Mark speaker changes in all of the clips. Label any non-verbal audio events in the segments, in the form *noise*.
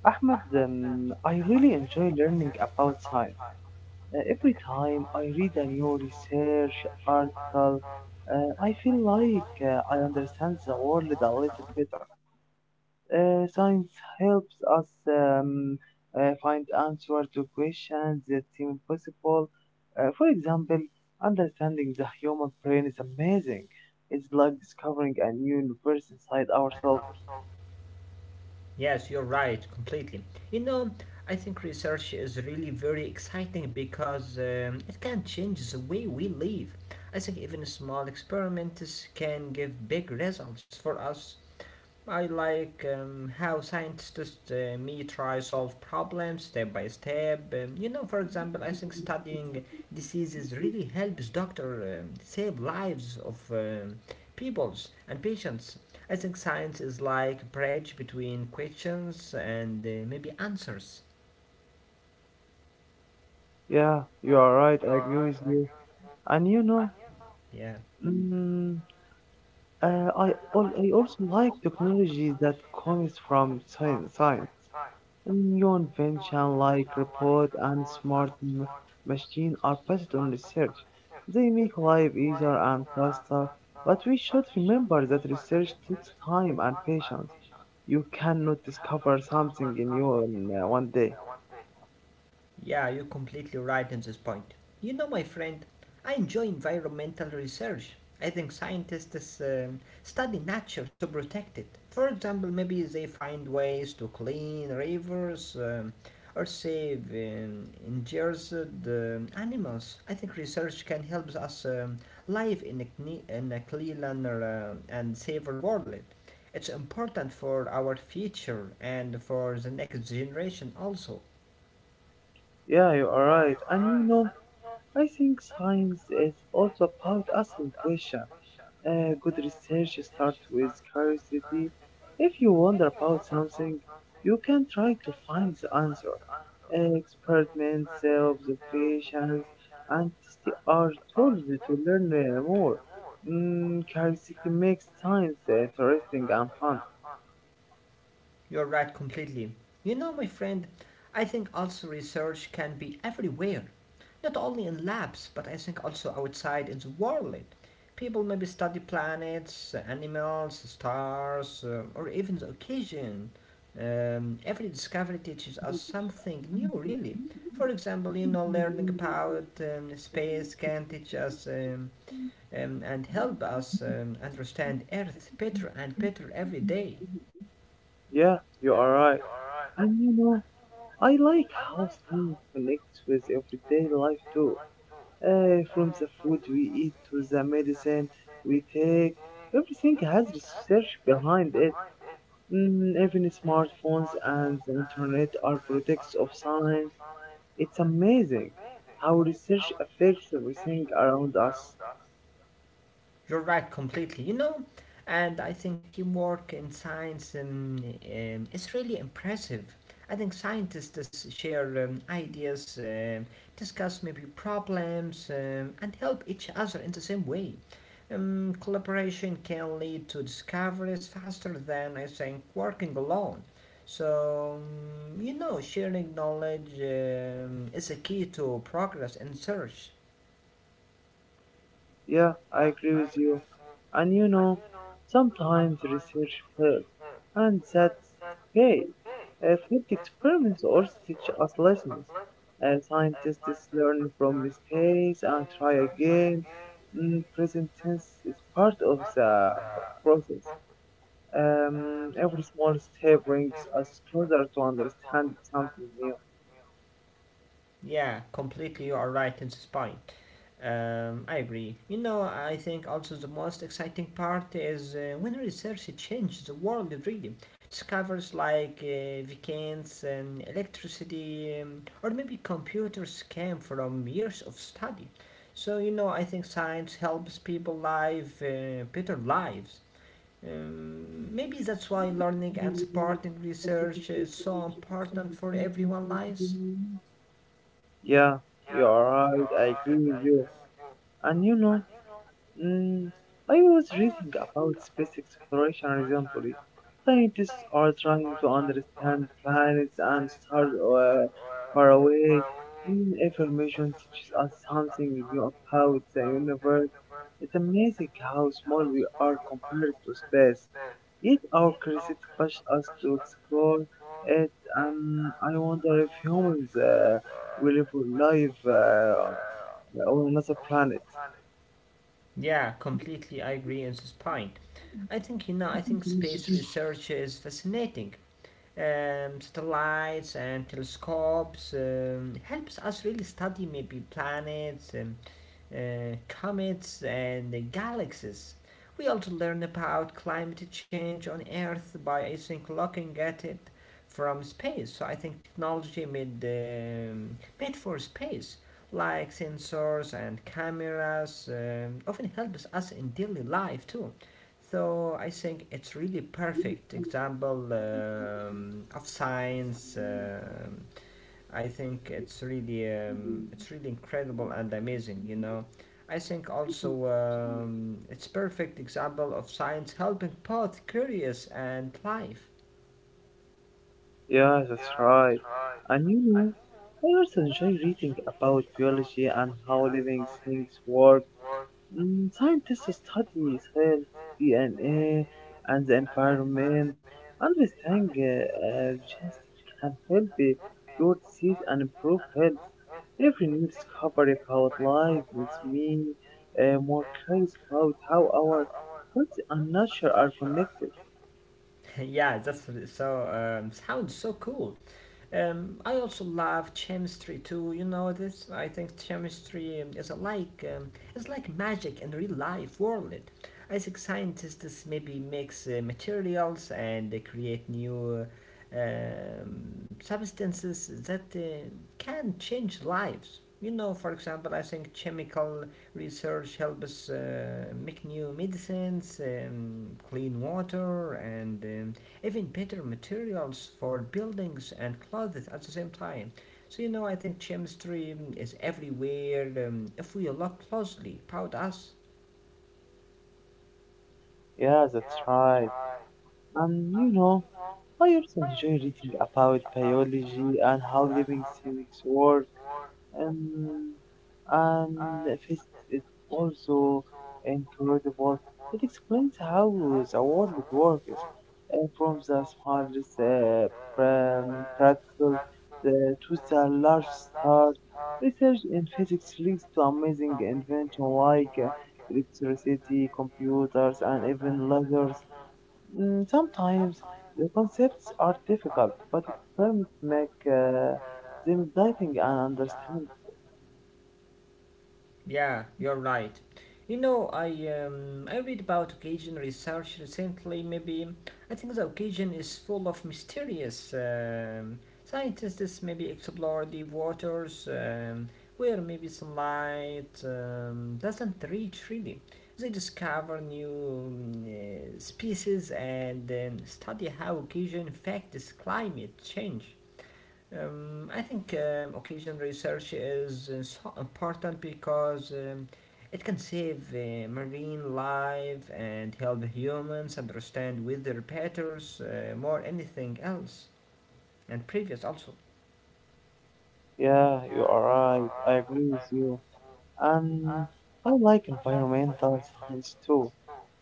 Speaker 1: Ahmad, I really enjoy learning about science. Every time I read a new research article, I feel like I understand the world a little better. Science helps us find answers to questions that seem impossible. For example, understanding the human brain is amazing. It's like discovering a new universe inside ourselves.
Speaker 2: Yes, you're right, completely. You know, I think research is really very exciting because it can change the way we live. I think even small experiments can give big results for us. I like how scientists me try solve problems step by step. You know, for example, I think studying diseases really helps doctor save lives of peoples and patients. I think science is like a bridge between questions and maybe answers.
Speaker 1: Yeah, you are right. I agree with you. And you know,
Speaker 2: Yeah.
Speaker 1: mm, I also like technology that comes from science. New invention like robot and smart machine are based on research. They make life easier and faster. But we should remember that research takes time and patience. You cannot discover something new in one day.
Speaker 2: Yeah, you're completely right in this point. You know, my friend, I enjoy environmental research. I think scientists study nature to protect it. For example, maybe they find ways to clean rivers or save endangered animals. I think research can help us live in in a cleaner and safer world. It's important for our future and for the next generation also.
Speaker 1: Yeah, you are right. And you know, I think science is also about asking questions. Good research starts with curiosity. If you wonder about something, you can try to find the answer. Experiments, observations, and they are tools to learn more. Curiosity makes science interesting and fun.
Speaker 2: You're right completely. You know, my friend, I think also research can be everywhere, not only in labs, but I think also outside in the world. People maybe study planets, animals, stars, or even the occasion. Every discovery teaches us something new, really. For example, you know, learning about space can teach us and help us understand Earth better and better every day.
Speaker 1: Yeah, you are right. And you know, I like how science connects with everyday life too. From the food we eat to the medicine we take. Everything has research behind it. Even smartphones and the internet are products of science. It's amazing how research affects everything around us.
Speaker 2: You're right completely. You know, and I think teamwork in science is really impressive. I think scientists share ideas, discuss maybe problems, and help each other in the same way. Collaboration can lead to discoveries faster than I think working alone. So, you know, sharing knowledge is a key to progress in search.
Speaker 1: Yeah, I agree with you. And you know, sometimes research fails, and that's okay. Failed experiments also teach us lessons. Scientists learn from mistakes and try again. Present tense is part of the process. Every small step brings us closer to understand something new.
Speaker 2: Yeah, completely you are right in this point. I agree. You know, I think also the most exciting part is when research changes the world really. Discovers like vaccines and electricity, or maybe computers came from years of study. So, you know, I think science helps people live better lives. Maybe that's why learning and supporting research is so important for everyone's lives.
Speaker 1: Yeah, you are right. I agree with you. And you know, Mm, I was reading about space exploration recently. Scientists are trying to understand planets and stars far away. Information teaches us something new about the universe. It's amazing how small we are compared to space. Yet our curiosity pushes us to explore it, and I wonder if humans will live uh, on another planet.
Speaker 2: Yeah, completely. I agree on this point. I think you know. I think space research is fascinating. Satellites and telescopes helps us really study maybe planets, comets, and galaxies. We also learn about climate change on Earth by I think looking at it from space. So I think technology made made for space, like sensors and cameras, often helps us in daily life too. So I think it's really perfect example of science. I think it's really incredible and amazing. You know, I think also it's perfect example of science helping both curious and life.
Speaker 1: Yeah, that's right. And you know, I also enjoy reading about biology and how living things work. Scientists study cells, DNA, and the environment, understand just can help cure disease and improve health. Every new discovery about life makes me more curious about how our health and nature are connected.
Speaker 2: *laughs* Yeah, that's so sounds so cool. I also love chemistry too. You know this. I think chemistry is like it's like magic in the real life world. I think scientists maybe mix materials and they create new substances that can change lives. You know, for example, I think chemical research helps make new medicines, clean water, and even better materials for buildings and clothes at the same time. So you know, I think chemistry is everywhere. If we look closely, proud us.
Speaker 1: Yeah, that's right. And you know, I also enjoy reading about biology and how living things work, and, and physics is also incredible. It explains how the world works from the smallest particles to the large star. Research in physics leads to amazing inventions like electricity, computers, and even lasers. Sometimes the concepts are difficult, but experiments make them exciting and understand.
Speaker 2: Yeah, you're right. You know, I read about occasion research recently. Maybe I think the occasion is full of mysterious. Scientists maybe explore deep waters where maybe sunlight doesn't reach really. They discover new species and then study how occasion affects climate change. I think occasion research is so important because it can save marine life and help humans understand weather patterns more anything else and previous also.
Speaker 1: Yeah, you are right. I agree with you. And I like environmental science too.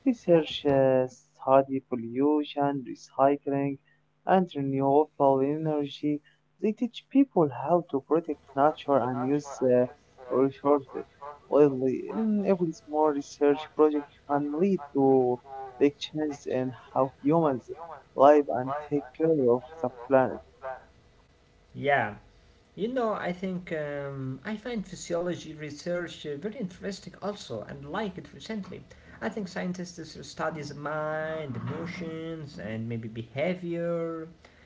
Speaker 1: Research study pollution, recycling, and renewable energy. They teach people how to protect nature and use resources wisely. Every small research project can lead to big changes in how humans live and take care of the planet.
Speaker 2: Yeah. You know, I think I find physiology research very interesting also and like it recently. I think scientists studies mind, emotions, and maybe behavior.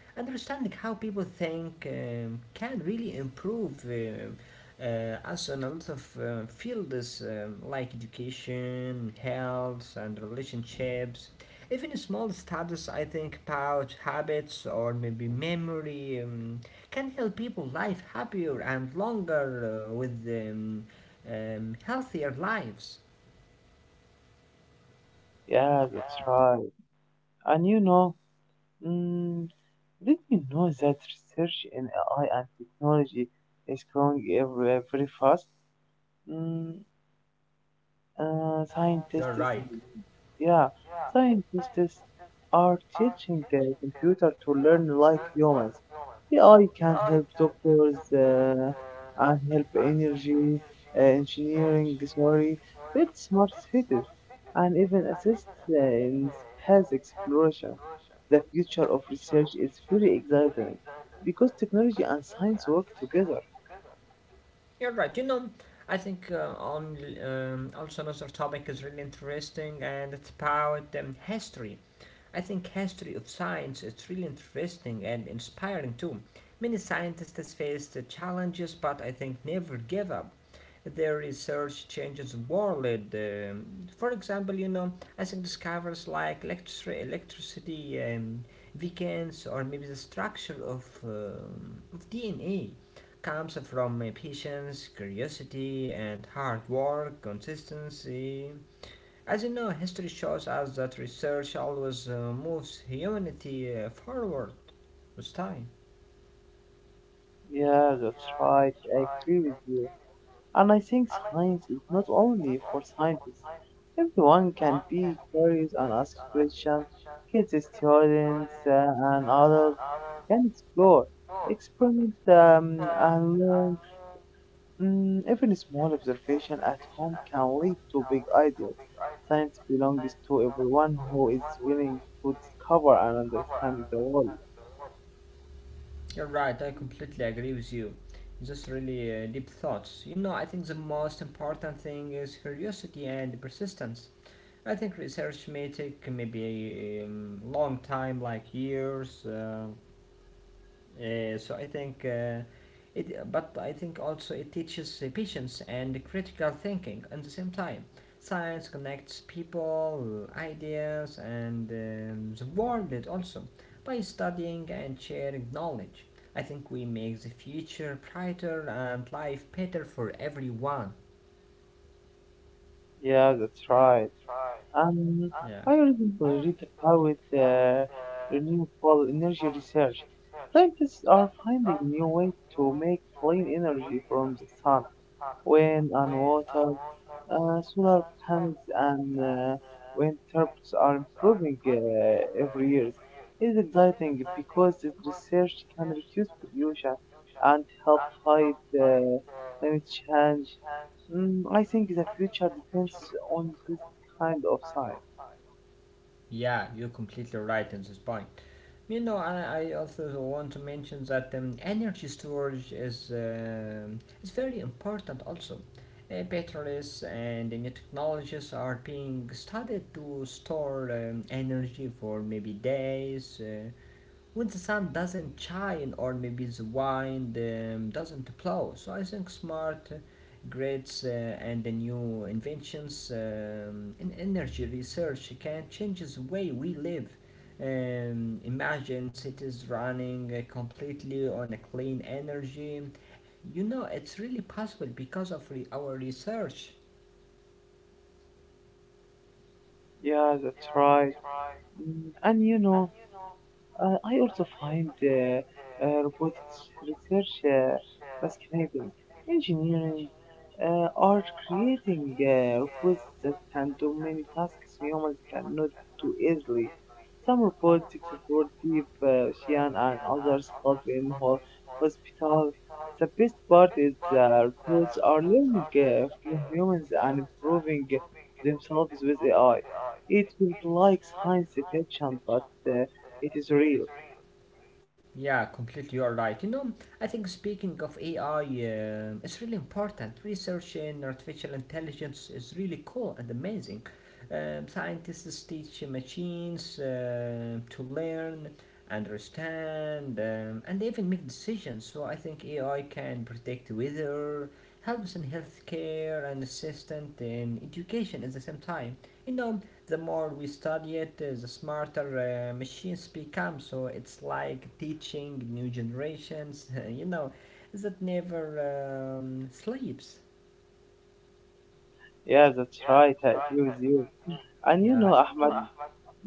Speaker 2: Understanding how people think can really improve us in a lot of fields like education, health, and relationships. Even small studies, I think, about habits or maybe memory. Can help people live happier and longer with healthier lives.
Speaker 1: Yeah, that's right. And you know, mm, did you know that research in AI and technology is growing very fast? Mm, Scientists,
Speaker 2: You're right.
Speaker 1: yeah, scientists are teaching the computer to learn like humans. AI can help doctors and help energy engineering, sorry, build smart cities, and even assist in space exploration. The future of research is very exciting because technology and science work together.
Speaker 2: You're right. You know, I think on also another topic is really interesting, and it's about history. I think history of science is really interesting and inspiring too. Many scientists faced the challenges, but I think never give up. Their research changes the world. um, for example, you know, I think discoveries like electricity, weekends, or maybe the structure of DNA comes from patience, curiosity, and hard work, consistency. As you know, history shows us that research always moves humanity forward with time.
Speaker 1: Yeah, that's right. I agree with you. And I think science is not only for scientists. Everyone can be curious and ask questions. Kids, students, and adults can explore, experiment, and learn. Even a small observation at home can lead to big ideas. Science belongs to everyone who is willing to discover and understand the world.
Speaker 2: You're right, I completely agree with you. Just really deep thoughts. You know, I think the most important thing is curiosity and persistence. I think research may take maybe a long time, like years. So I think it, but I think also it teaches patience and critical thinking at the same time. Science connects people, ideas, and the world also. By studying and sharing knowledge, I think we make the future brighter and life better for everyone.
Speaker 1: Yeah, that's right. Um, I recently read about renewable energy research. Scientists are finding new ways to make clean energy from the sun wind and water, solar panels and uh, wind turbines are improving every year. It's exciting because this research can reduce pollution and help fight climate change. I think the future depends on this kind of science.
Speaker 2: Yeah, you're completely right on this point. You know, I also want to mention that energy storage is very important also. Batteries and the new technologies are being studied to store energy for maybe days. When the sun doesn't shine or maybe the wind doesn't blow. So I think smart grids and the new inventions in energy research can change the way we live. Imagine cities running completely on a clean energy. You know, it's really possible because of our research.
Speaker 1: Yeah, that's right. And you know, I also find robotics research fascinating. Engineering are creating robots that can do many tasks humans cannot do easily. Some robots support deep ocean and others help in hospital. The best part is robots are learning from humans and improving themselves with AI. It feels like science fiction, but uh, it is real.
Speaker 2: Yeah, completely you're right. You know, I think speaking of AI, it's really important. Research in artificial intelligence is really cool and amazing. Scientists teach machines to learn, understand, and even make decisions. So I think AI can predict weather, helps in healthcare, and assistant in education at the same time. You know, the more we study it, the smarter machines become. So it's like teaching new generations, *laughs* you know, that never sleeps.
Speaker 1: Yeah, that's right. I agree with you. And you
Speaker 2: Yeah,
Speaker 1: know, Ahmad,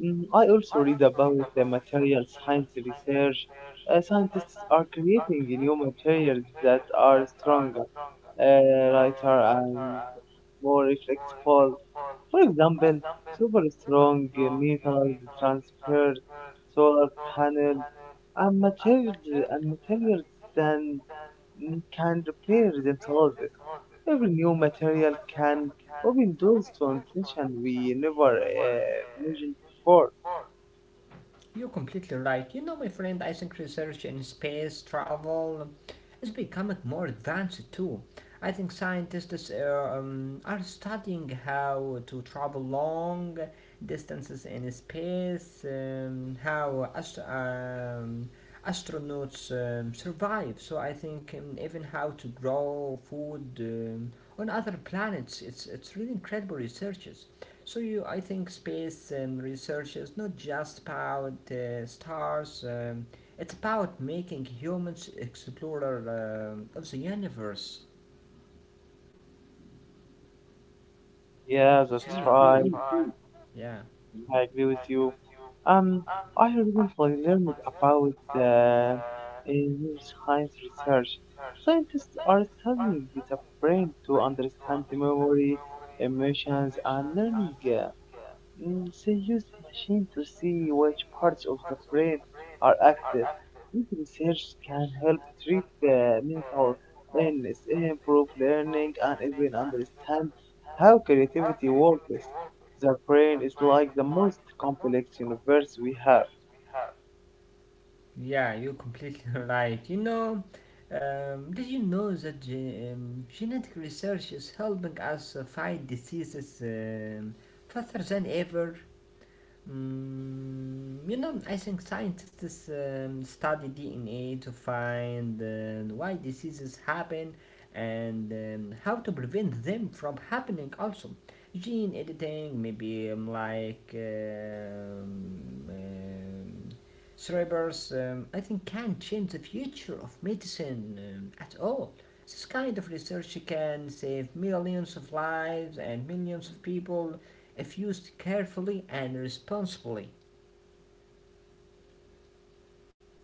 Speaker 1: I also read about the material science research. Scientists are creating new materials that are stronger, lighter, and more flexible. For example, super strong metals, transparent solar panels, and materials and materials can repair is always. Every new material can open doors to invention we never imagined before.
Speaker 2: you're completely right. You know, my friend, I think research in space travel is becoming more advanced too. I think scientists are studying how to travel long distances in space, how astronauts survive. So I think even how to grow food on other planets. It's really incredible researches. So you, I think space research is not just about stars. It's about making humans explorer of the universe.
Speaker 1: Yeah,
Speaker 2: It's
Speaker 1: that's
Speaker 2: really cool.
Speaker 1: right.
Speaker 2: Yeah,
Speaker 1: I agree with you. Um, I recently learned about a new science research. Scientists are studying the brain to understand the memory, emotions, and learning. They used machine to see which parts of the brain are active. This research can help treat the mental illness, improve learning, and even understand how creativity works. The brain is like the most complex universe we have.
Speaker 2: yeah, you're completely *laughs* right. You know, did you know that genetic research is helping us fight diseases faster than ever? Mm, you know, I think scientists study DNA to find why diseases happen and how to prevent them from happening, also. Gene editing, maybe like cerebers, I think can change the future of medicine at all. This kind of research can save millions of lives and millions of people if used carefully and responsibly.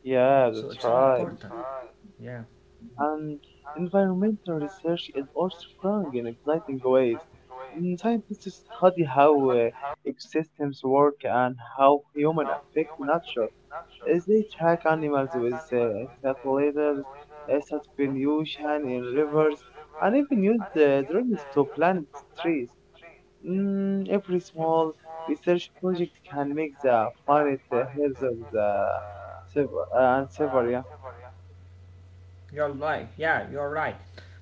Speaker 1: Yeah,
Speaker 2: So
Speaker 1: that's
Speaker 2: it's really
Speaker 1: right.
Speaker 2: important. Yeah,
Speaker 1: And environmental research is also growing in exciting ways. Scientists study how ecosystems work and how humans affect nature. They track animals with satellites, suspension in rivers, and even use the drones to plant trees. Every small research project can make the planet healthier the- and safer. Yeah.
Speaker 2: you're right. Yeah, you're right.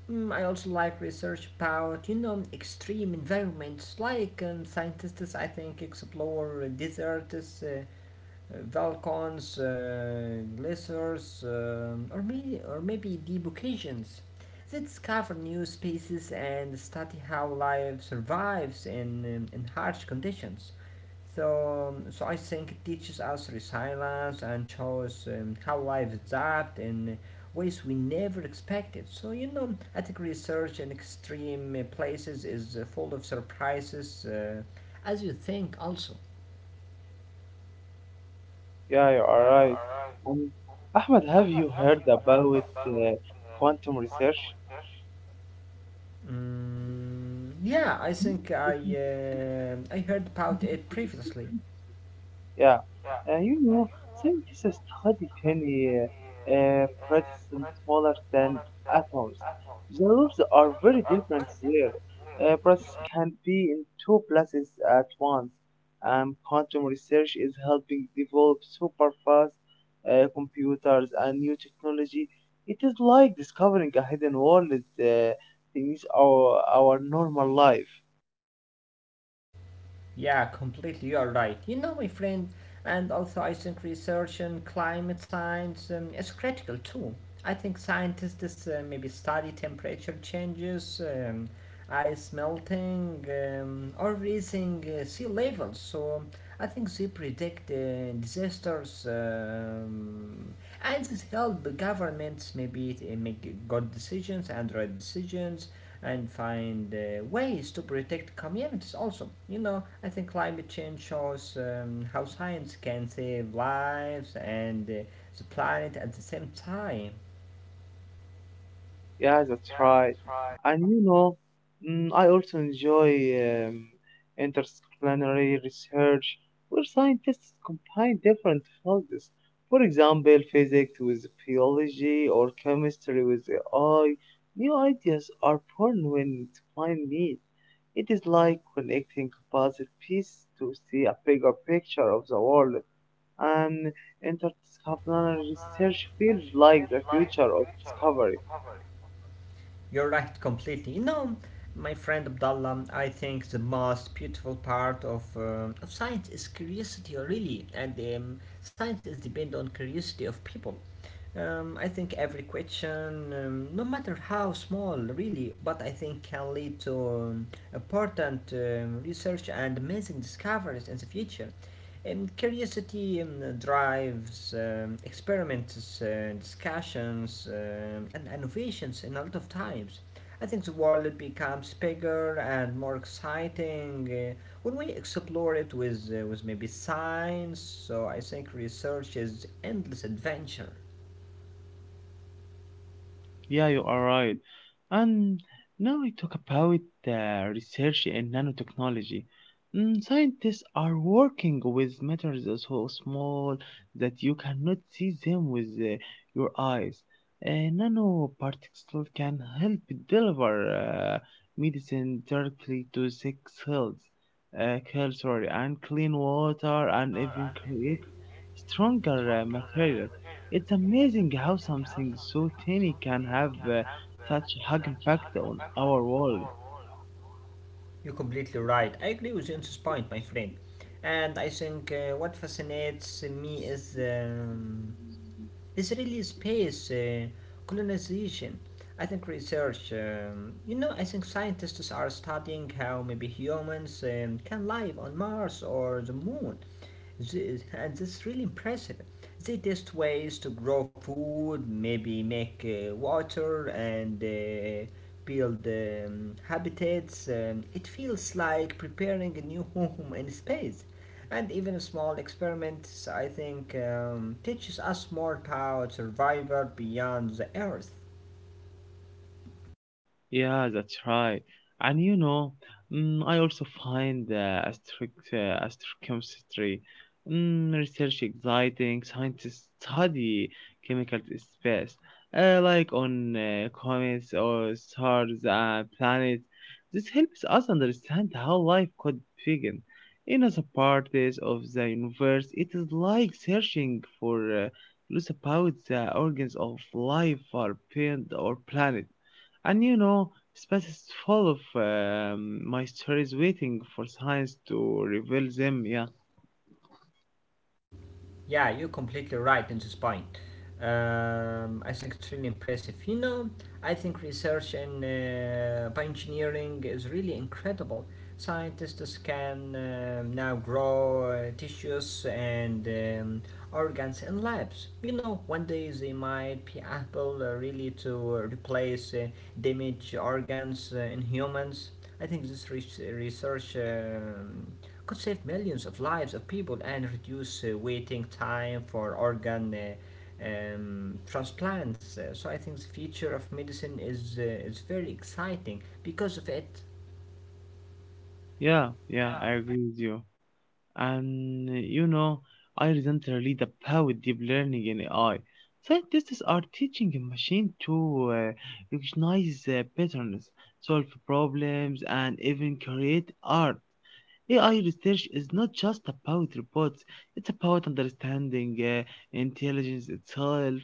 Speaker 2: Mm, I also like research about you know extreme environments. Like scientists, I think explore deserts, volcanoes, glaciers, or maybe deep oceans. They discover new species and study how life survives in harsh conditions. So, so I think it teaches us resilience and shows how life adapts in ways we never expected. So, you know, attic research in extreme places is full of surprises, as you think, also.
Speaker 1: Yeah, you are right. Um, Ahmed, have you heard about uh, quantum research?
Speaker 2: Mm, yeah, I think I heard about it previously.
Speaker 1: Yeah, and you know, scientists study tiny protists smaller than atoms. The rules are very different there. Protists can be in two places at once, and quantum research is helping develop super fast computers and new technology. It is like discovering a hidden world uh, in our normal life.
Speaker 2: Yeah, completely. You're right. You know, my friend, and also I think research in climate science is critical too. I think scientists maybe study temperature changes, ice melting, or raising sea levels. So I think they predict disasters and this help the governments maybe to make good decisions and right decisions and find ways to protect communities also. You know, I think climate change shows how science can save lives and the planet at the same time.
Speaker 1: Yeah, that's right. And you know, I also enjoy um, interdisciplinary research where scientists combine different fields. For example, physics with biology or chemistry with AI. New ideas are born when defined need. It is like connecting composite pieces to see a bigger picture of the world. And interdisciplinary research feels like the future of discovery.
Speaker 2: You're right completely. You know, my friend Abdallah, I think the most beautiful part of science is curiosity, really. And science is depend on curiosity of people. I think every question, no matter how small, really, but I think can lead to important research and amazing discoveries in the future. Curiosity drives experiments, discussions, and innovations in a lot of times. I think the world becomes bigger and more exciting when we explore it with maybe science. So I think research is endless adventure.
Speaker 1: Yeah, you are right. And now we talk about research in nanotechnology. Scientists are working with materials so small that you cannot see them with your eyes. Uh, Nanoparticles can help deliver medicine directly to sick cells, cells, sorry, and clean water, and even create stronger materials. It's amazing how something so tiny can have such a hug impact on our world.
Speaker 2: You're completely right. I agree with you on this point, my friend. And I think what fascinates me is. Israeli space colonization. I think research, I think scientists are studying how maybe humans can live on Mars or the moon. And that's really impressive. They test ways to grow food, maybe make water, and build habitats. It feels like preparing a new *laughs* home in space. And even small experiments, I think, teaches us more about survival beyond the Earth.
Speaker 1: Yeah, that's right. And you know, I also find astrochemistry research exciting. Scientists study chemical space, like on comets or stars and planets. This helps us understand how life could begin. In other parts of the universe, it is like searching for clues about the organs of life or beyond our planet. And you know, space is full of my stories waiting for science to reveal them. Yeah,
Speaker 2: Yeah, you're completely right in this point. I think it's really impressive. You know, I think research in bioengineering is really incredible. Scientists can now grow tissues and organs in labs. You know, one day they might be able really to replace damaged organs in humans. I think research. Could save millions of lives of people and reduce waiting time for organ transplants. So I think the future of medicine is very exciting because of it.
Speaker 1: yeah, I agree with you. And you know, I recently read about deep learning in AI. Scientists are teaching a machine to recognize patterns, solve problems, and even create art. AI research is not just about robots, it's about understanding intelligence itself,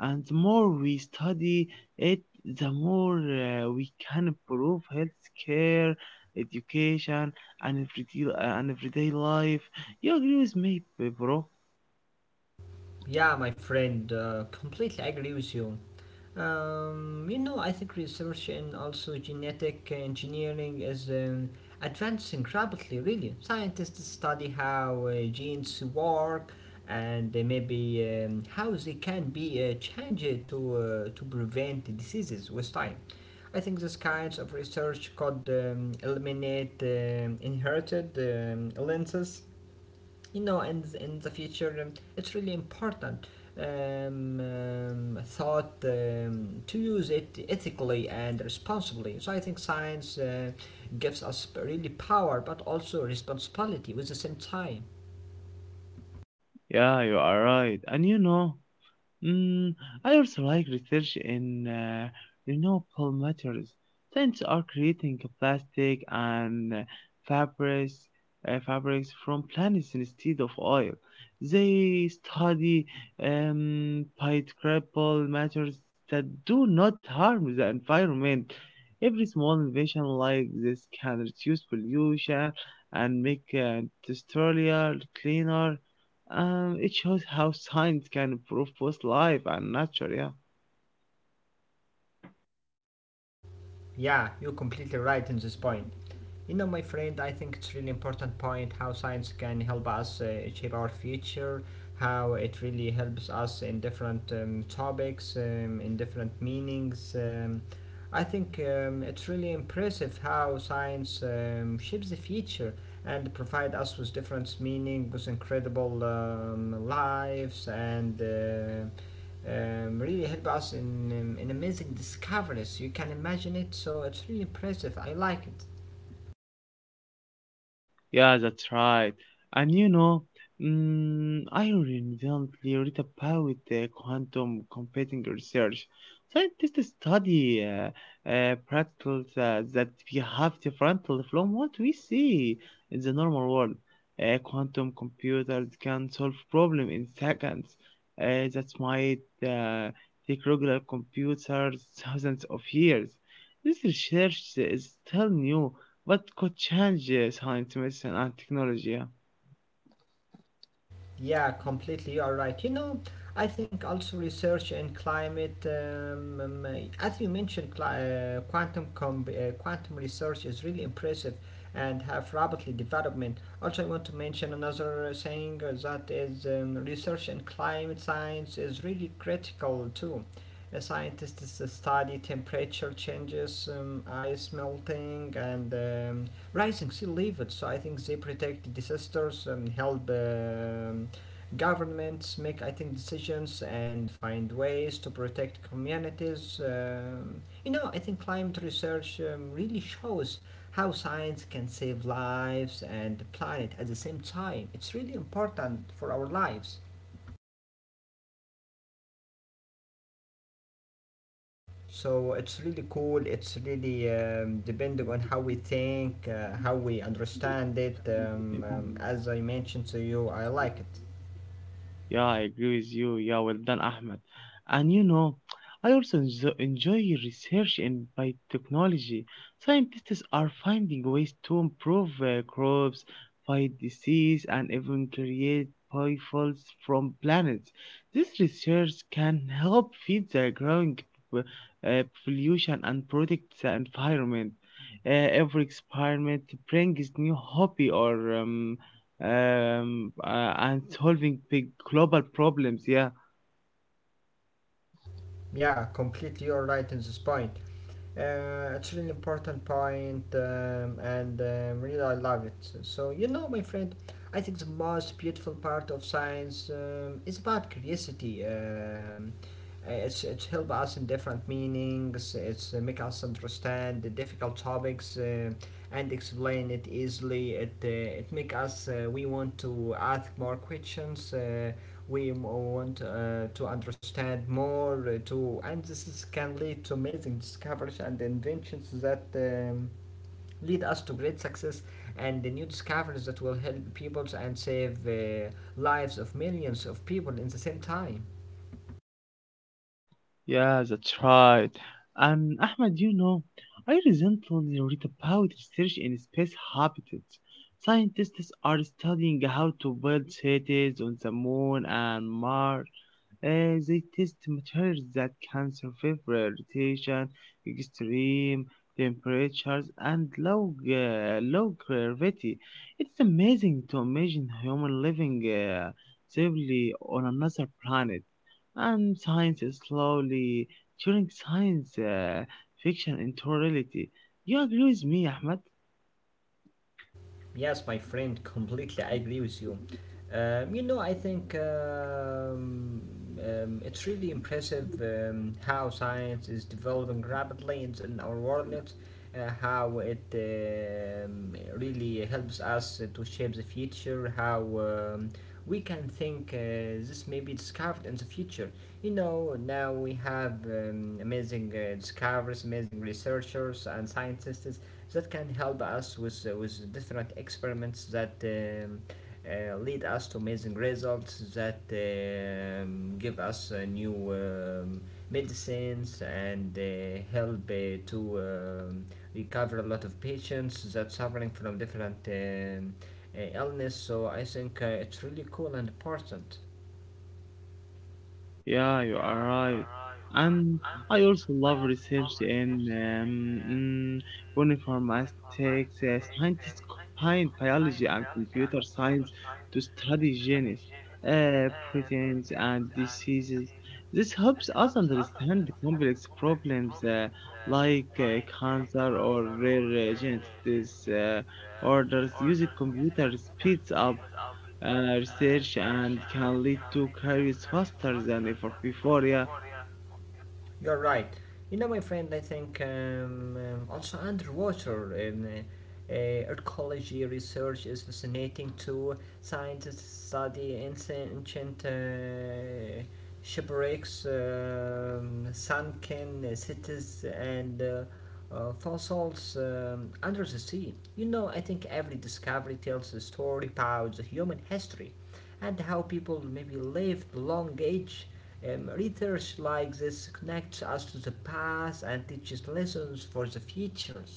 Speaker 1: and the more we study it, the more we can improve healthcare, education, and everyday life. You agree with me, bro?
Speaker 2: Yeah, my friend, completely agree with you. You know, I think research and also genetic engineering is advancing rapidly, really. Scientists study how genes work and maybe how they can be changed to prevent diseases with time. I think this kinds of research could eliminate inherited illnesses you know in the future it's really important thought to use it ethically and responsibly. So I think science gives us really power but also responsibility with the same time.
Speaker 1: Yeah, you are right. And you know, Mm, I also like research in renewable materials. Scientists are creating plastic and fabrics, fabrics from plants instead of oil. They study biodegradable materials that do not harm the environment. Every small invention like this can reduce pollution and make industrial cleaner. It shows how science can improve both life and nature. Yeah.
Speaker 2: Yeah, you're completely right in this point. You know, my friend, I think it's really important point how science can help us shape our future, how it really helps us in different topics, in different meanings. I think it's really impressive how science shapes the future and provide us with different meaning, with incredible lives and. Really help us in amazing discoveries. You can imagine it, so it's really impressive. I like it.
Speaker 1: Yeah, that's right. And you know, I recently read about the quantum computing research. Scientists study particles that behave differently from what we see in the normal world. Quantum computers can solve problems in seconds. That might uh, take regular computers thousands of years. This research is still new what could change science, medicine, and technology? Yeah?
Speaker 2: Yeah, completely. All right. You know, I think also research in climate, as you mentioned, quantum research is really impressive and have rapidly development. Also, I want to mention another saying that is research in climate science is really critical too. Scientists study temperature changes, ice melting, and rising sea levels. So I think they protect disasters and help governments make, I think, decisions and find ways to protect communities. You know, I think climate research really shows how science can save lives and the planet at the same time. It's really important for our lives. So it's really cool. It's really depending on how we think, how we understand it.
Speaker 1: Yeah.
Speaker 2: As I mentioned to you, I like it.
Speaker 1: Yeah, I agree with you. Yeah, well done, Ahmed. And you know, I also enjoy research in biotechnology. Scientists are finding ways to improve crops, fight disease, and even create biofuels from plants. This research can help feed the growing p- population and protect the environment. Every experiment brings new hobby or and solving big global problems. Yeah,
Speaker 2: Yeah, completely you right in this point. It's really important point, and really I love it. So you know, my friend, I think the most beautiful part of science is about curiosity. It's help us in different meanings. It's make us understand the difficult topics and explain it easily. It make us we want to ask more questions. We want to understand more to and this is, can lead to amazing discoveries and inventions that lead us to great success and the new discoveries that will help peoples and save lives of millions of people in the same time.
Speaker 1: yeah, that's right. And Ahmed, you know, I recently read about research in space habitats. Scientists are studying how to build cities on the moon and Mars. They test materials that can survive rotation, extreme temperatures, and low, low gravity. It's amazing to imagine human living safely on another planet. And science is slowly turning science fiction into reality. You agree with me, Ahmed?
Speaker 2: Yes, my friend, completely. I agree with you. You know, I think it's really impressive how science is developing rapidly in our world, how it really helps us to shape the future, how um, we can think this may be discovered in the future. You know, now we have amazing discoveries, amazing researchers and scientists that can help us with different experiments that lead us to amazing results that give us new medicines and help to recover a lot of patients that suffering from different illness. So I think it's really cool and important.
Speaker 1: Yeah, you are right. And I also love research in bioinformatics. Scientists combine biology and computer science to study genes, proteins, and diseases. This helps us understand the complex problems like cancer or rare genetic orders. Using computers speeds up research and can lead to careers faster than ever before. Yeah.
Speaker 2: You're right. You know, my friend, I think also underwater archaeology research is fascinating too. Scientists study ancient shipwrecks, sunken cities, and fossils under the sea. You know, I think every discovery tells a story about the human history and how people maybe lived long age. Research like this connects us to the past and teaches lessons for the futures.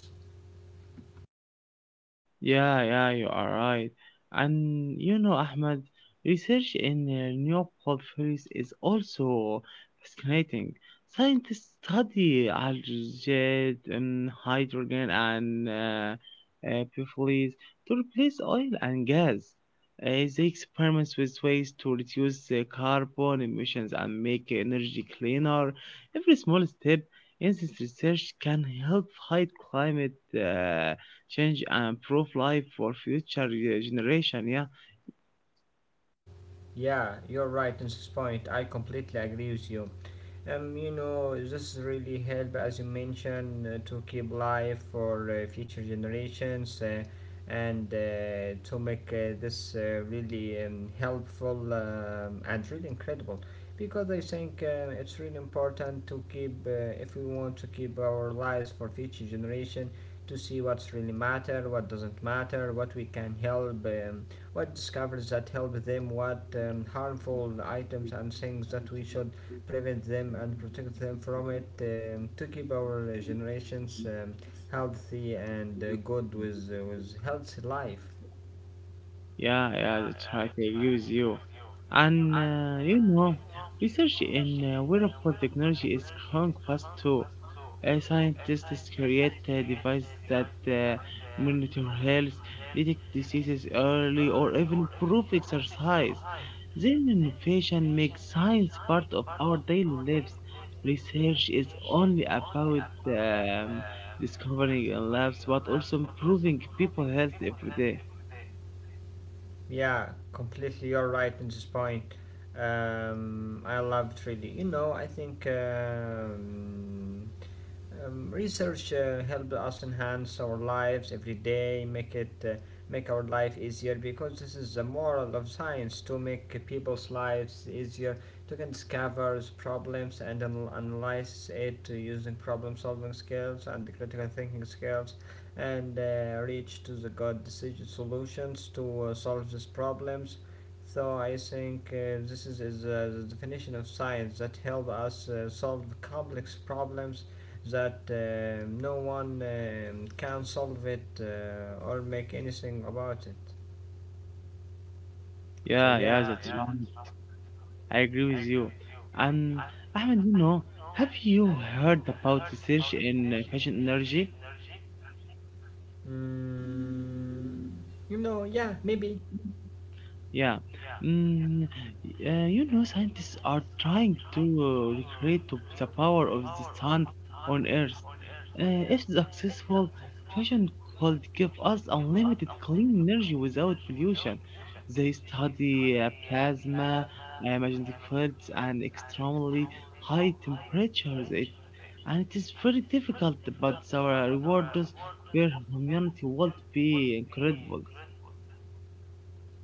Speaker 1: Yeah, yeah, you are right. And you know, Ahmed, research in renewable fuels is also fascinating. Scientists study algae, hydrogen, and biofuels to replace oil and gas. They experiment with ways to reduce carbon emissions and make energy cleaner. Every small step in this research can help fight climate uh, change and improve life for future generation. Yeah.
Speaker 2: Yeah, you're right in this point. I completely agree with you. You know, this really help, as you mentioned, to keep life for future generations and to make this really helpful and really incredible. Because I think it's really important to keep, if we want to keep our lives for future generation, to see what's really matter, what doesn't matter, what we can help. What discoveries that help them, what harmful items and things that we should prevent them and protect them from it to keep our generations healthy and good with healthy life.
Speaker 1: Yeah, yeah, that's right. I agree with you. And you know, research in wearable technology is growing fast too. Scientists create devices that uh, monitor health, detect diseases early, or even improve exercise. Then innovation makes science part of our daily lives. Research is only about um, discovering in labs, but also improving people's health every day.
Speaker 2: Yeah, completely. You're right in this point. I love it really. You know, I think research helps us enhance our lives every day, make our life easier because this is the moral of science to make people's lives easier to can discover problems and analyze it using problem solving skills and critical thinking skills and reach to the good decision solutions to solve these problems. So I think this is the definition of science that help us solve complex problems that no one can solve it or make anything about it. So
Speaker 1: Yeah,
Speaker 2: yeah,
Speaker 1: yeah, that's right. I agree with you. And Ahmed, you know, have you heard about research in fashion energy?
Speaker 2: mm, you know, yeah, maybe.
Speaker 1: Yeah, mm, you know, scientists are trying to the power of the sun on Earth. If successful, fusion could give us unlimited clean energy without pollution. They study plasma, magnetic fields, and extremely high temperatures. And it is very difficult, but our rewards per humanity would be incredible.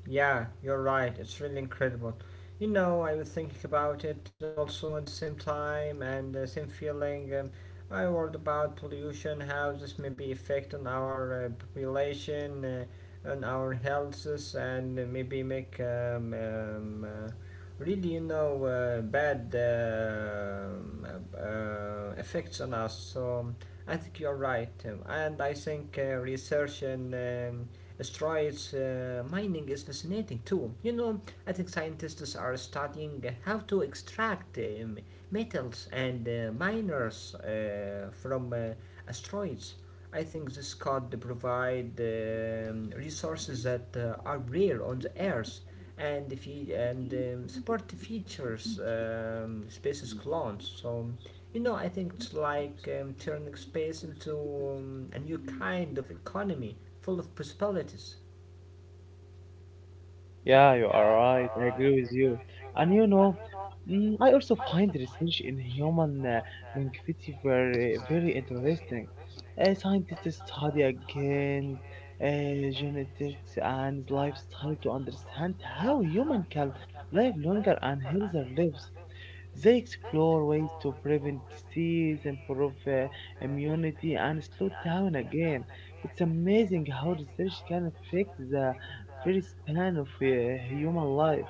Speaker 2: Yeah, you're right. It's really incredible. You know, I was thinking about it also at the same time and the same feeling. I worried about pollution, how this may be affect on our population, on our healths, and maybe make really, you know, bad effects on us. So I think you're right. And I think research and asteroids mining is fascinating too. You know, I think scientists are studying how to extract metals and miners from asteroids. I think this could provide resources that are rare on the Earth and, support features species clones. So you know, I think it's like turning space into a new kind of economy full of possibilities.
Speaker 1: Yeah, you are right. I agree with you. And you know, mm, I also find research in human longevity very, very interesting. Scientists study again genetics and lifestyle to understand how human can live longer and healthier lives. They explore ways to prevent disease, improve immunity, and slow down again. It's amazing how research can affect the very span of human life.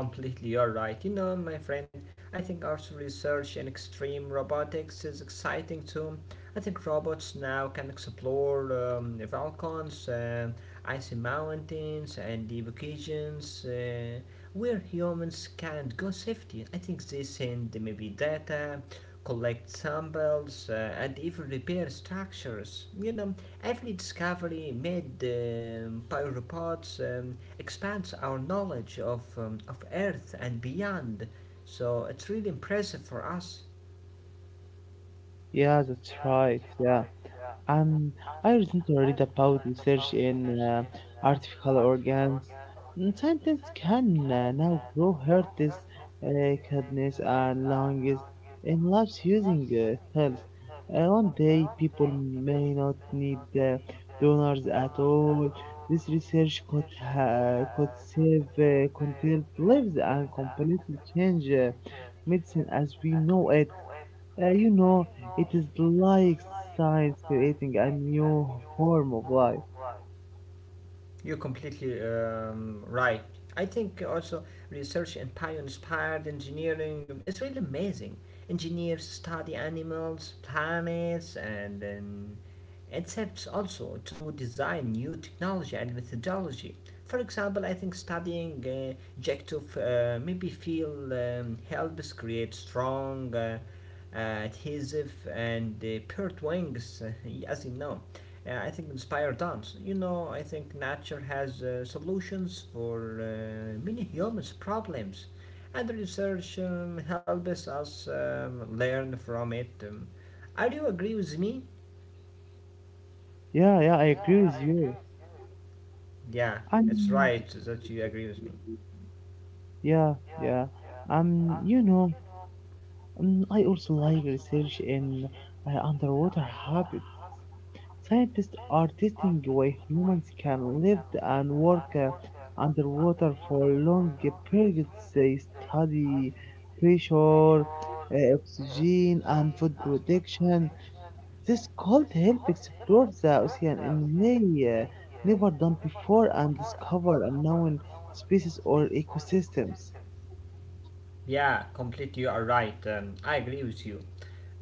Speaker 2: Completely, you're right. You know, my friend, I think also research in extreme robotics is exciting too. I think robots now can explore the volcans, icy mountains, and the vacations where humans can't go safely. I think they send maybe data, collect samples, and even repair structures. You know, every discovery made by robots expands our knowledge of Earth and beyond. So it's really impressive for us.
Speaker 1: Yeah, that's right. Yeah. Um, I recently read about research in artificial organs. Mm, scientists can now grow heart, this kidneys, and lungs in labs using cells. One day, people may not need donors at all. This research could save countless lives and completely change medicine as we know it. You know, it is like science creating a new form of life.
Speaker 2: You're completely right. I think also research and bio-inspired engineering is really amazing. Engineers study animals, planets, and then incepts also to design new technology and methodology. For example, I think studying objective maybe feel helps create strong, adhesive, and paired wings, as you know. I think inspire dance. You know, I think nature has solutions for many humans' problems, and research helps us learn from it. Are you agree with me?
Speaker 1: Yeah, yeah, I agree with you.
Speaker 2: Yeah, it's
Speaker 1: And
Speaker 2: right that you agree with me.
Speaker 1: yeah, yeah. You know, I also like research in underwater habits. Scientists are testing why humans can live and work underwater for long periods. They study pressure, oxygen, and food production. This cold help explore the ocean in way never done before and discover unknown species or ecosystems.
Speaker 2: Yeah, completely, you are right. I agree with you.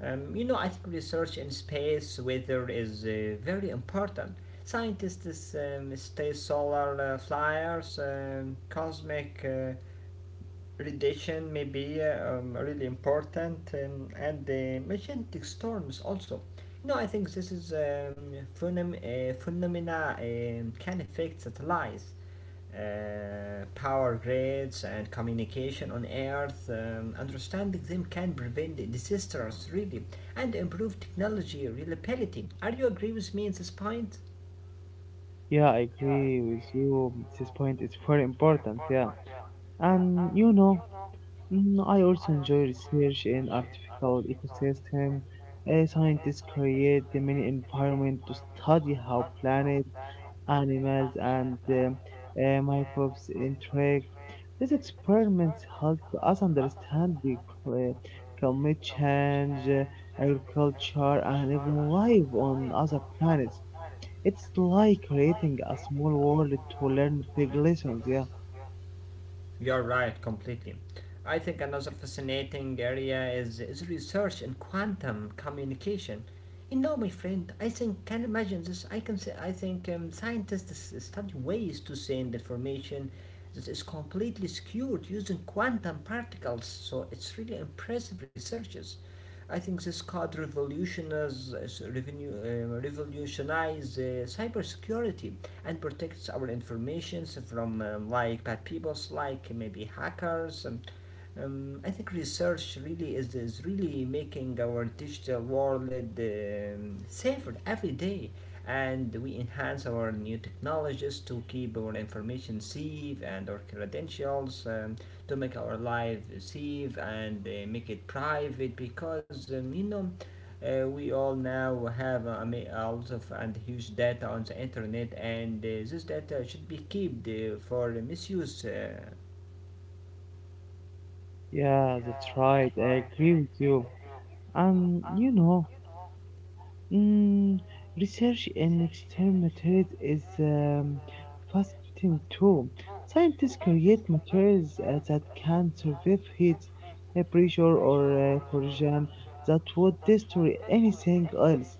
Speaker 2: You know, I think research in space weather is very important. Scientists study solar flares, cosmic radiation may be really important and the magnetic storms also. You know, I think this is phenomena can affect satellites, power grids, and communication on earth. Understanding them can prevent disasters really and improve technology reliability. Are you agree with me in this point?
Speaker 1: Yeah, I agree with you. This point is very important. Yeah, and you know, mm, I also enjoy research in artificial ecosystem. Scientists create the mini environment to study how planets, animals, and microbes interact. These experiments help us understand the cl- uh, climate change, agriculture, and even life on other planets. It's like creating a small world to learn big lessons. Yeah,
Speaker 2: You're right, completely. I think another fascinating area is research in quantum communication. You know, my friend, I think can imagine this. I can say I think scientists study ways to send information that is completely secured using quantum particles. So it's really impressive researches. I think this could revolutionize, revolutionize cybersecurity and protects our informations from like bad peoples, like maybe hackers. I think research really is really making our digital world safer every day, and we enhance our new technologies to keep our information safe and our credentials to make our life safe and make it private because we all now have I mean, a lot of and huge data on the internet, and this data should be kept for misuse.
Speaker 1: yeah, that's right. I agree with you. And you know, mm, research in extreme materials is fascinating too. Scientists create materials that can survive heat, pressure, or corrosion that would destroy anything else.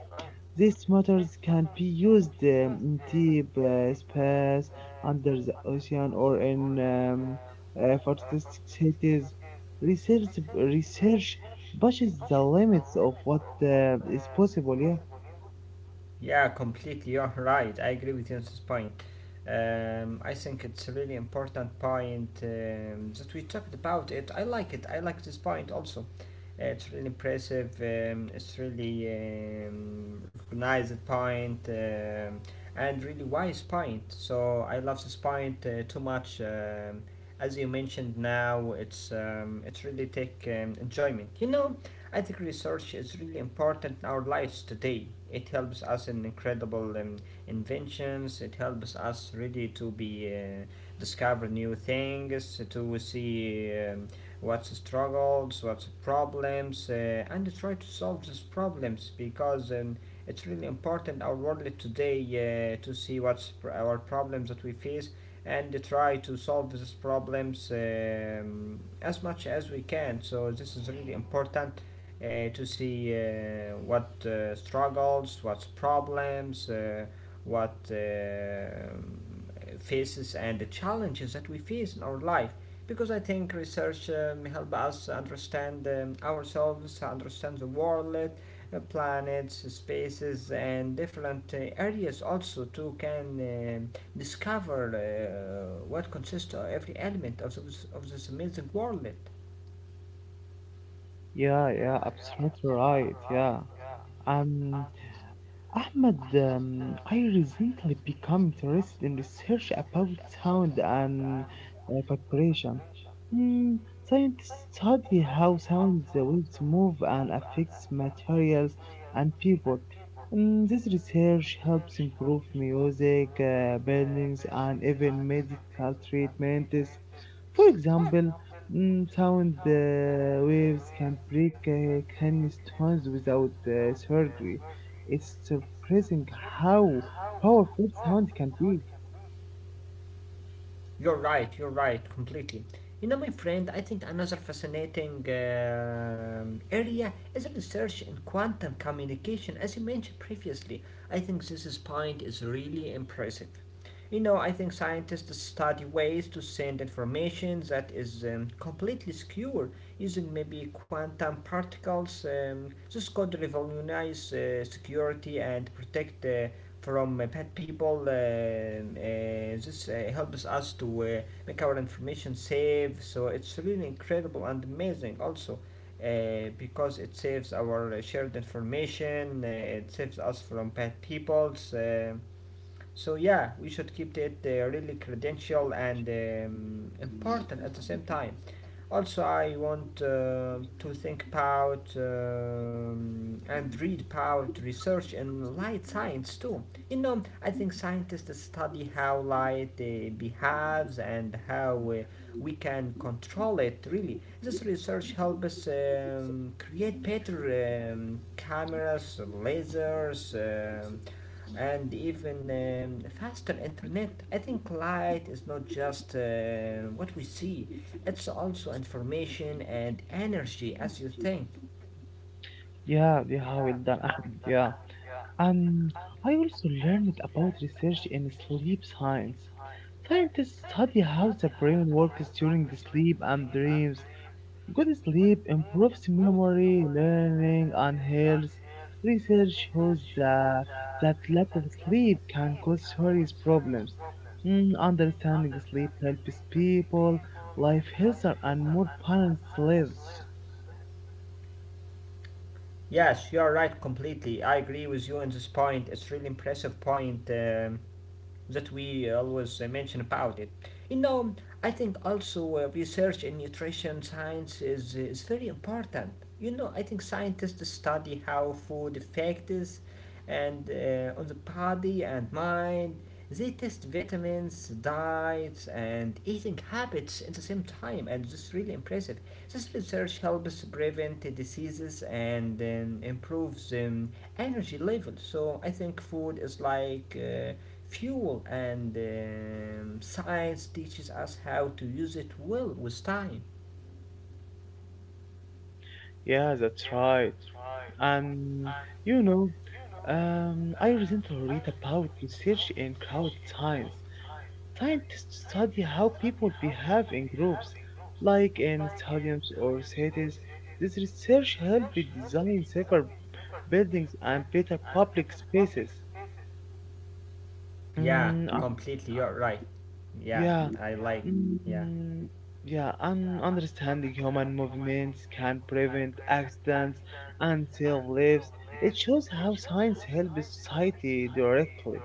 Speaker 1: These materials can be used in deep space, under the ocean, or in fantastic cities. Research, Research pushes the limits of what is possible. Yeah.
Speaker 2: Yeah, completely. You're right. I agree with you on this point. I think it's a really important point that we talked about it. I like it. I like this point also. It's really impressive. It's really recognized point and really wise point. So I love this point too much. As you mentioned now, it's really take enjoyment. I think research is really important in our lives today. It helps us in incredible inventions. It helps us really to be discover new things, to see what's struggles, what's problems, and try to solve these problems because it's really important our world today to see our problems that we face and try to solve these problems as much as we can. So this is really important to see what struggles, what problems, what faces and the challenges that we face in our life. Because I think research help us understand ourselves, understand the world, planets, spaces, and different areas also to can discover what consists of every element of this amazing world.
Speaker 1: Yeah, yeah, absolutely right. Yeah, and Ahmed, I recently become interested in research about sound and vibration. Mm, scientists study how sound waves move and affects materials and people. Mm, this research helps improve music, buildings, and even medical treatments. For example, mm, sound waves can break kidney stones without surgery. It's surprising how powerful sound can be.
Speaker 2: You're right, completely. You know, my friend, I think another fascinating area is research in quantum communication, as you mentioned previously. I think this point is really impressive. You know, I think scientists study ways to send information that is completely secure using maybe quantum particles. This could revolutionize security and protect from bad people. This helps us to make our information safe. So it's really incredible and amazing also because it saves our shared information. It saves us from bad peoples. So yeah, we should keep it really credential and important at the same time. Also, I want to think about and read about research in light science too. You know, I think scientists study how light behaves and how we can control it, really. This research helps us create better cameras, lasers, and even faster internet. I think light is not just what we see, it's also information and energy as you think.
Speaker 1: Yeah, yeah, well done, Ahmed. Yeah. And I also learned about research in sleep science. Scientists study how the brain works during the sleep and dreams. Good sleep improves memory, learning, and health. Research shows that lack of sleep can cause serious problems. Mm, understanding sleep helps people live healthier and more balanced lives.
Speaker 2: Yes, you're right completely. I agree with you on this point. It's really impressive point. That we always mention about it. You know, I think also research in nutrition science is very important. You know, I think scientists study how food affects and on the body and mind. They test vitamins, diets, and eating habits at the same time, and this is really impressive. This research helps prevent the diseases and improves energy levels. So I think food is like fuel, and science teaches us how to use it well with time.
Speaker 1: Yeah, that's right. Um, you know, I recently read about research in crowd science. Scientists study how people behave in groups, like in stadiums or cities. This research helped design safer buildings and better public spaces.
Speaker 2: Yeah,
Speaker 1: Mm, uh,
Speaker 2: completely. You're right. Yeah,
Speaker 1: yeah,
Speaker 2: I like. Yeah,
Speaker 1: mm, yeah, and understanding human movements can prevent accidents and save lives. It shows how science helps society directly.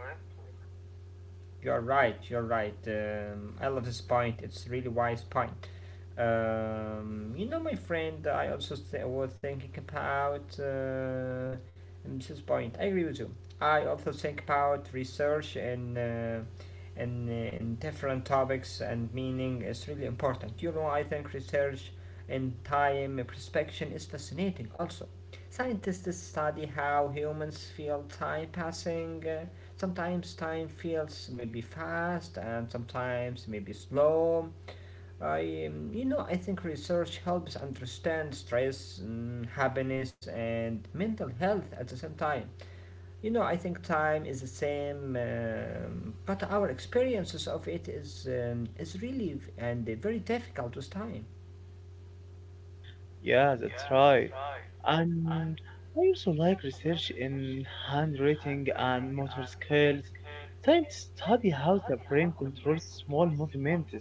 Speaker 2: you're right. You're right. I love this point. It's really wise point. You know, my friend, I also was thinking about Mrs. Point. I agree with you. I also think about research and in different topics and meaning is really important. You know, I think research in time perception is fascinating also. Scientists study how humans feel time passing. Sometimes time feels maybe fast and sometimes maybe slow. You know, I think research helps understand stress, mm, happiness, and mental health at the same time. You know, I think time is the same, but our experiences of it is really v- and very difficult with time.
Speaker 1: Yeah, that's right. And I also like research in handwriting and motor skills, trying to study how the brain controls small movements.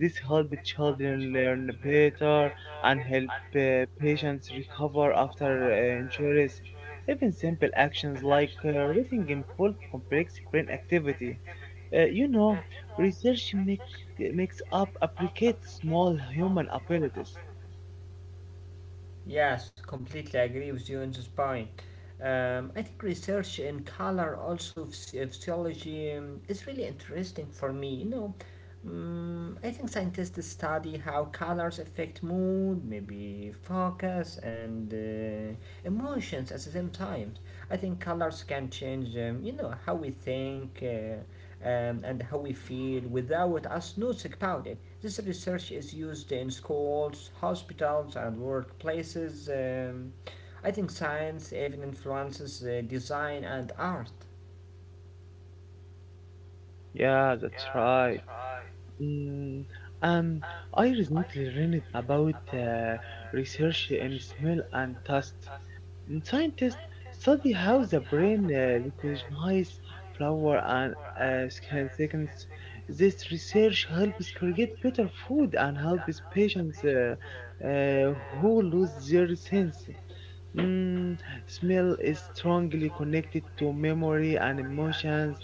Speaker 1: This helps children learn better and help patients recover after injuries. Even simple actions like reading involve complex brain activity. You know, research make, makes up appreciate small human abilities.
Speaker 2: Yes, completely agree with you on this point. I think research in color, also physiology, is really interesting for me. You know, I think scientists study how colors affect mood, maybe focus, and emotions at the same time. I think colors can change, you know, how we think and how we feel without us noticing about it. This research is used in schools, hospitals, and workplaces. I think science even influences design and art.
Speaker 1: Yeah, that's right. Mm, and I recently read about research in smell and taste. Mm, scientists study how the brain recognizes flavor and skin seconds. This research helps create better food and helps patients uh, who lose their sense. Mm, smell is strongly connected to memory and emotions.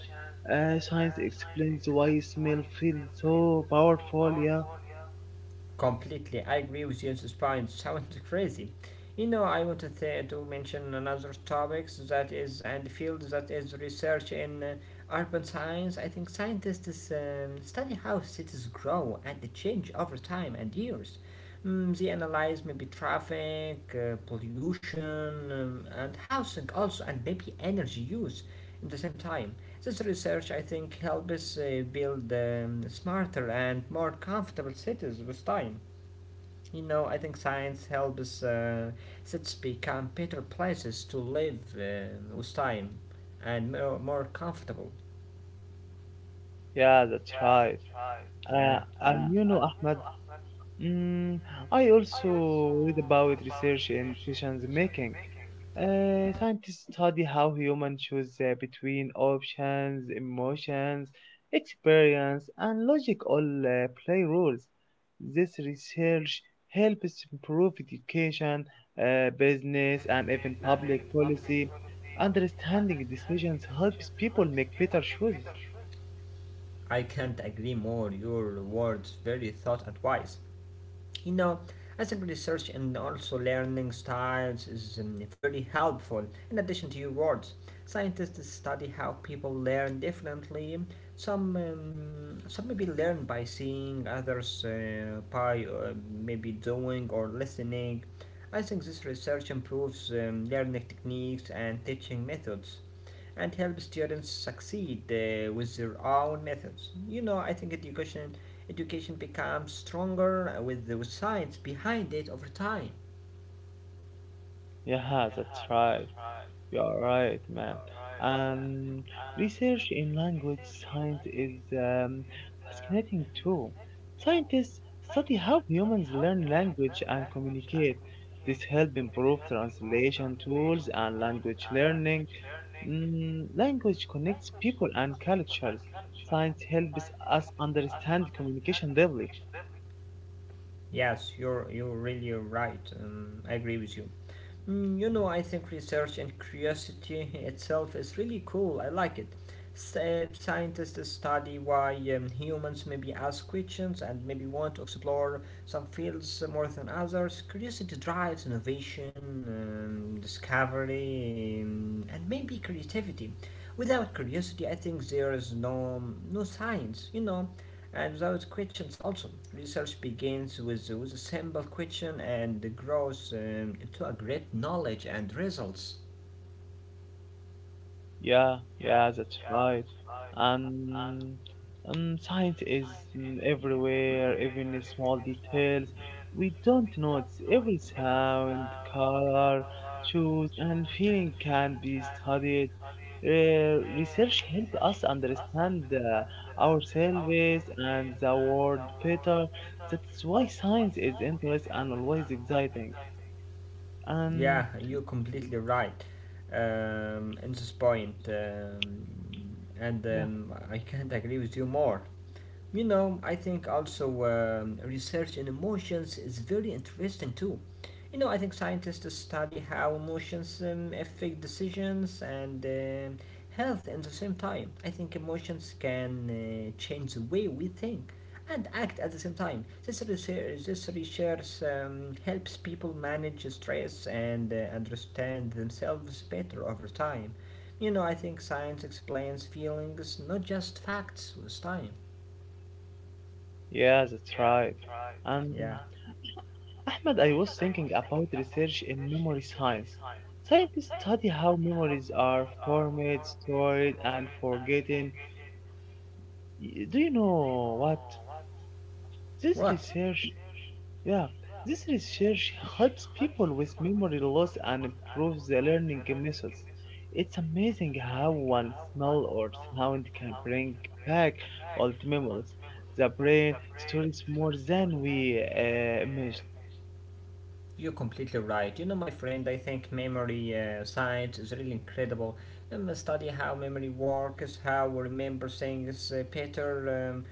Speaker 1: Science explains why smell feels so powerful. Yeah.
Speaker 2: Completely, I agree with James's point. Sounds *laughs* crazy. You know, I wanted to mention another topics that is and field that is research in urban science. I think scientists study how cities grow and change over time and years. Mm, they analyze maybe traffic, pollution, and housing also, and maybe energy use in the same time. This research, I think, helps us build smarter and more comfortable cities with time. You know, I think science helps us cities become better places to live with time and more comfortable.
Speaker 1: Yeah, that's right.
Speaker 2: Yeah,
Speaker 1: And you know, Ahmed. Mm, I also read about research in decision making. Scientists study how humans choose between options, emotions, experience, and logic all play roles. This research helps improve education, business, and even public policy. Understanding decisions helps people make better choices.
Speaker 2: I can't agree more. Your words very thought and wise. You know, I research and also learning styles is very helpful. In addition to your words, scientists study how people learn differently. Some maybe learn by seeing, others by maybe doing or listening. I think this research improves learning techniques and teaching methods and help students succeed with their own methods. You know, I think education becomes stronger with the with science behind it over time.
Speaker 1: Yeah, *laughs* that's right. You are right, man. And research in language science is fascinating too. Scientists study how humans learn language and communicate. This helps improve translation tools and language learning. Mm, language connects people and cultures. Science helps us understand communication deeply.
Speaker 2: Yes, you're really right. I agree with you. Mm, you know, I think research and curiosity itself is really cool. I like it. Scientists study why humans maybe ask questions and maybe want to explore some fields more than others. Curiosity drives innovation, discovery, and maybe creativity. Without curiosity, I think there is no science. You know, and without questions also, research begins with a simple question and grows into a great knowledge and results.
Speaker 1: Yeah, yeah, that's right. And science is mm, everywhere, even in small details. We don't notice every sound, color, shoes, and feeling can be studied. Research helps us understand ourselves and the world better. That's why science is interesting and always exciting. And
Speaker 2: Yeah, you're completely right in this point, and
Speaker 1: yeah,
Speaker 2: I can't agree with you more. You know, I think also research in emotions is very interesting too. You know, I think scientists study how emotions affect decisions and health at the same time. I think emotions can change the way we think and act at the same time. This research helps people manage stress and understand themselves better over time. You know, I think science explains feelings, not just facts, with time.
Speaker 1: yeah, that's right. And
Speaker 2: Yeah.
Speaker 1: Ahmed, I was thinking about research in memory science. Scientists study how memories are formed, stored, and forgotten. Y- Do you know what? This
Speaker 2: What?
Speaker 1: research, yeah, this research helps people with memory loss and improves their learning methods. It's amazing how one smell or sound can bring back old memories. The brain stores more than we imagine.
Speaker 2: You're completely right. You know, my friend, I think memory science is really incredible. And study how memory works, how we remember things better, um,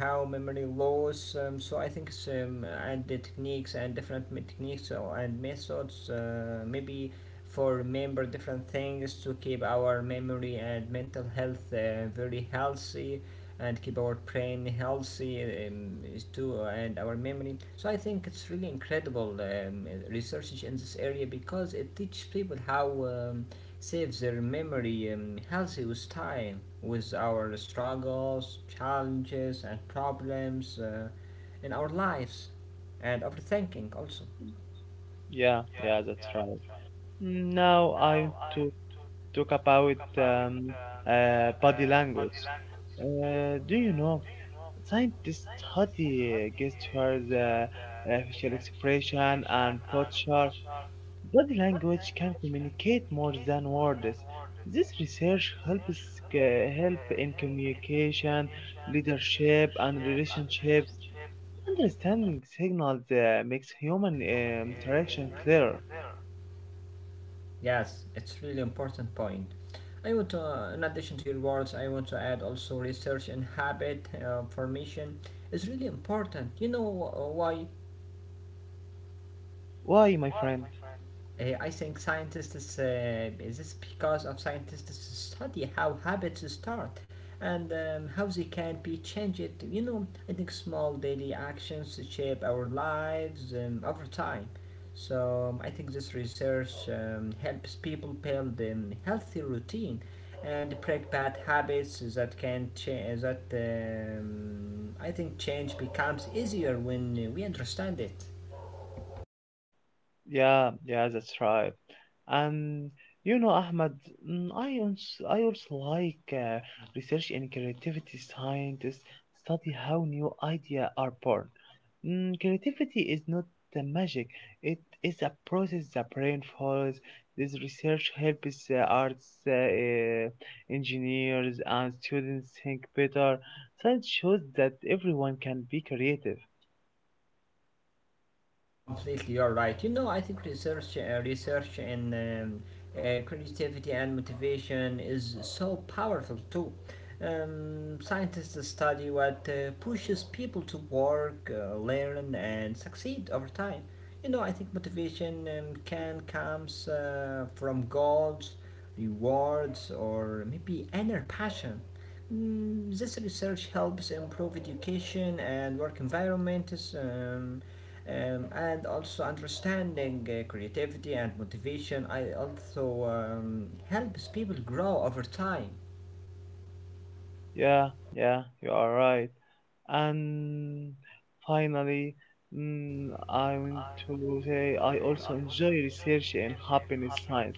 Speaker 2: how memory loss. So I think it's, and the techniques and different techniques and methods, maybe for remember different things to keep our memory and mental health very healthy, and keep our brain healthy is too and our memory. So I think it's really incredible research in this area because it teaches people how saves their memory healthy with time with our struggles, challenges and problems in our lives and overthinking also.
Speaker 1: Yeah, yeah, that's right. Now I'm to talk about body language. Do you know scientists study gestures, facial expression, and posture? Body language can communicate more than words. This research helps help in communication, leadership, and relationships. Understanding signals makes human interaction clearer.
Speaker 2: Yes, it's really important point. I want to, in addition to your words, I want to add also research and habit formation is really important. You know why?
Speaker 1: Why, my friend?
Speaker 2: I think scientists is this is because of scientists study how habits start and how they can be changed. You know, I think small daily actions shape our lives over time. So I think this research helps people build healthy routine and break bad habits that can change. That I think change becomes easier when we understand it.
Speaker 1: Yeah, yeah, that's right. And you know, Ahmed, mm, I also like research in creativity scientists study how new ideas are born. Mm, creativity is not the magic; it is a process the brain follows. This research helps arts, engineers, and students think better. Science shows that everyone can be creative.
Speaker 2: Completely, you're right. You know, I think research and creativity and motivation is so powerful too. Scientists study what pushes people to work, learn, and succeed over time. You know, I think motivation can comes from goals, rewards, or maybe inner passion. Mm, this research helps improve education and work environments. And also understanding creativity and motivation I also helps people grow over time.
Speaker 1: Yeah, yeah, you are right. And finally, mm, I want to say I also enjoy research in happiness science.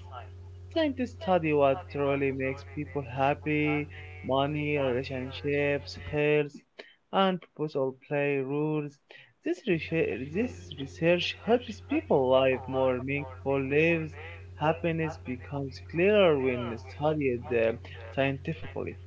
Speaker 1: Scientists study what truly makes people happy, money, relationships, health, and proposal play rules. This research, this research helps people live more meaningful lives. Happiness becomes clearer when studied scientifically.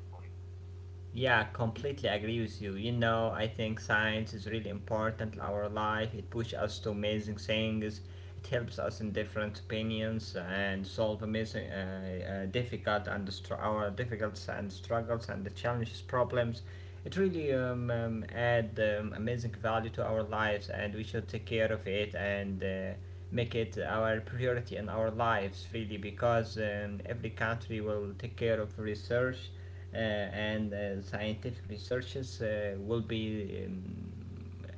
Speaker 2: Yeah, completely agree with you. You know, I think science is really important in our life. It pushes us to amazing things. It helps us in different opinions and solve amazing, our difficulties and struggles and the challenges, problems. It really add amazing value to our lives, and we should take care of it and. Make it our priority in our lives really because every country will take care of research and scientific researchers will be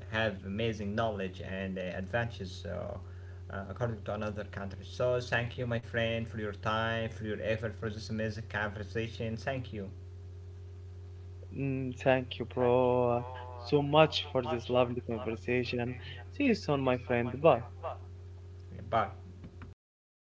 Speaker 2: have amazing knowledge and advances according to another country. So thank you, my friend, for your time, for your effort, for this amazing conversation. Thank you.
Speaker 1: Mm, thank you, bro, so much for this lovely conversation. See you soon, my friend. Bye.
Speaker 2: Bye.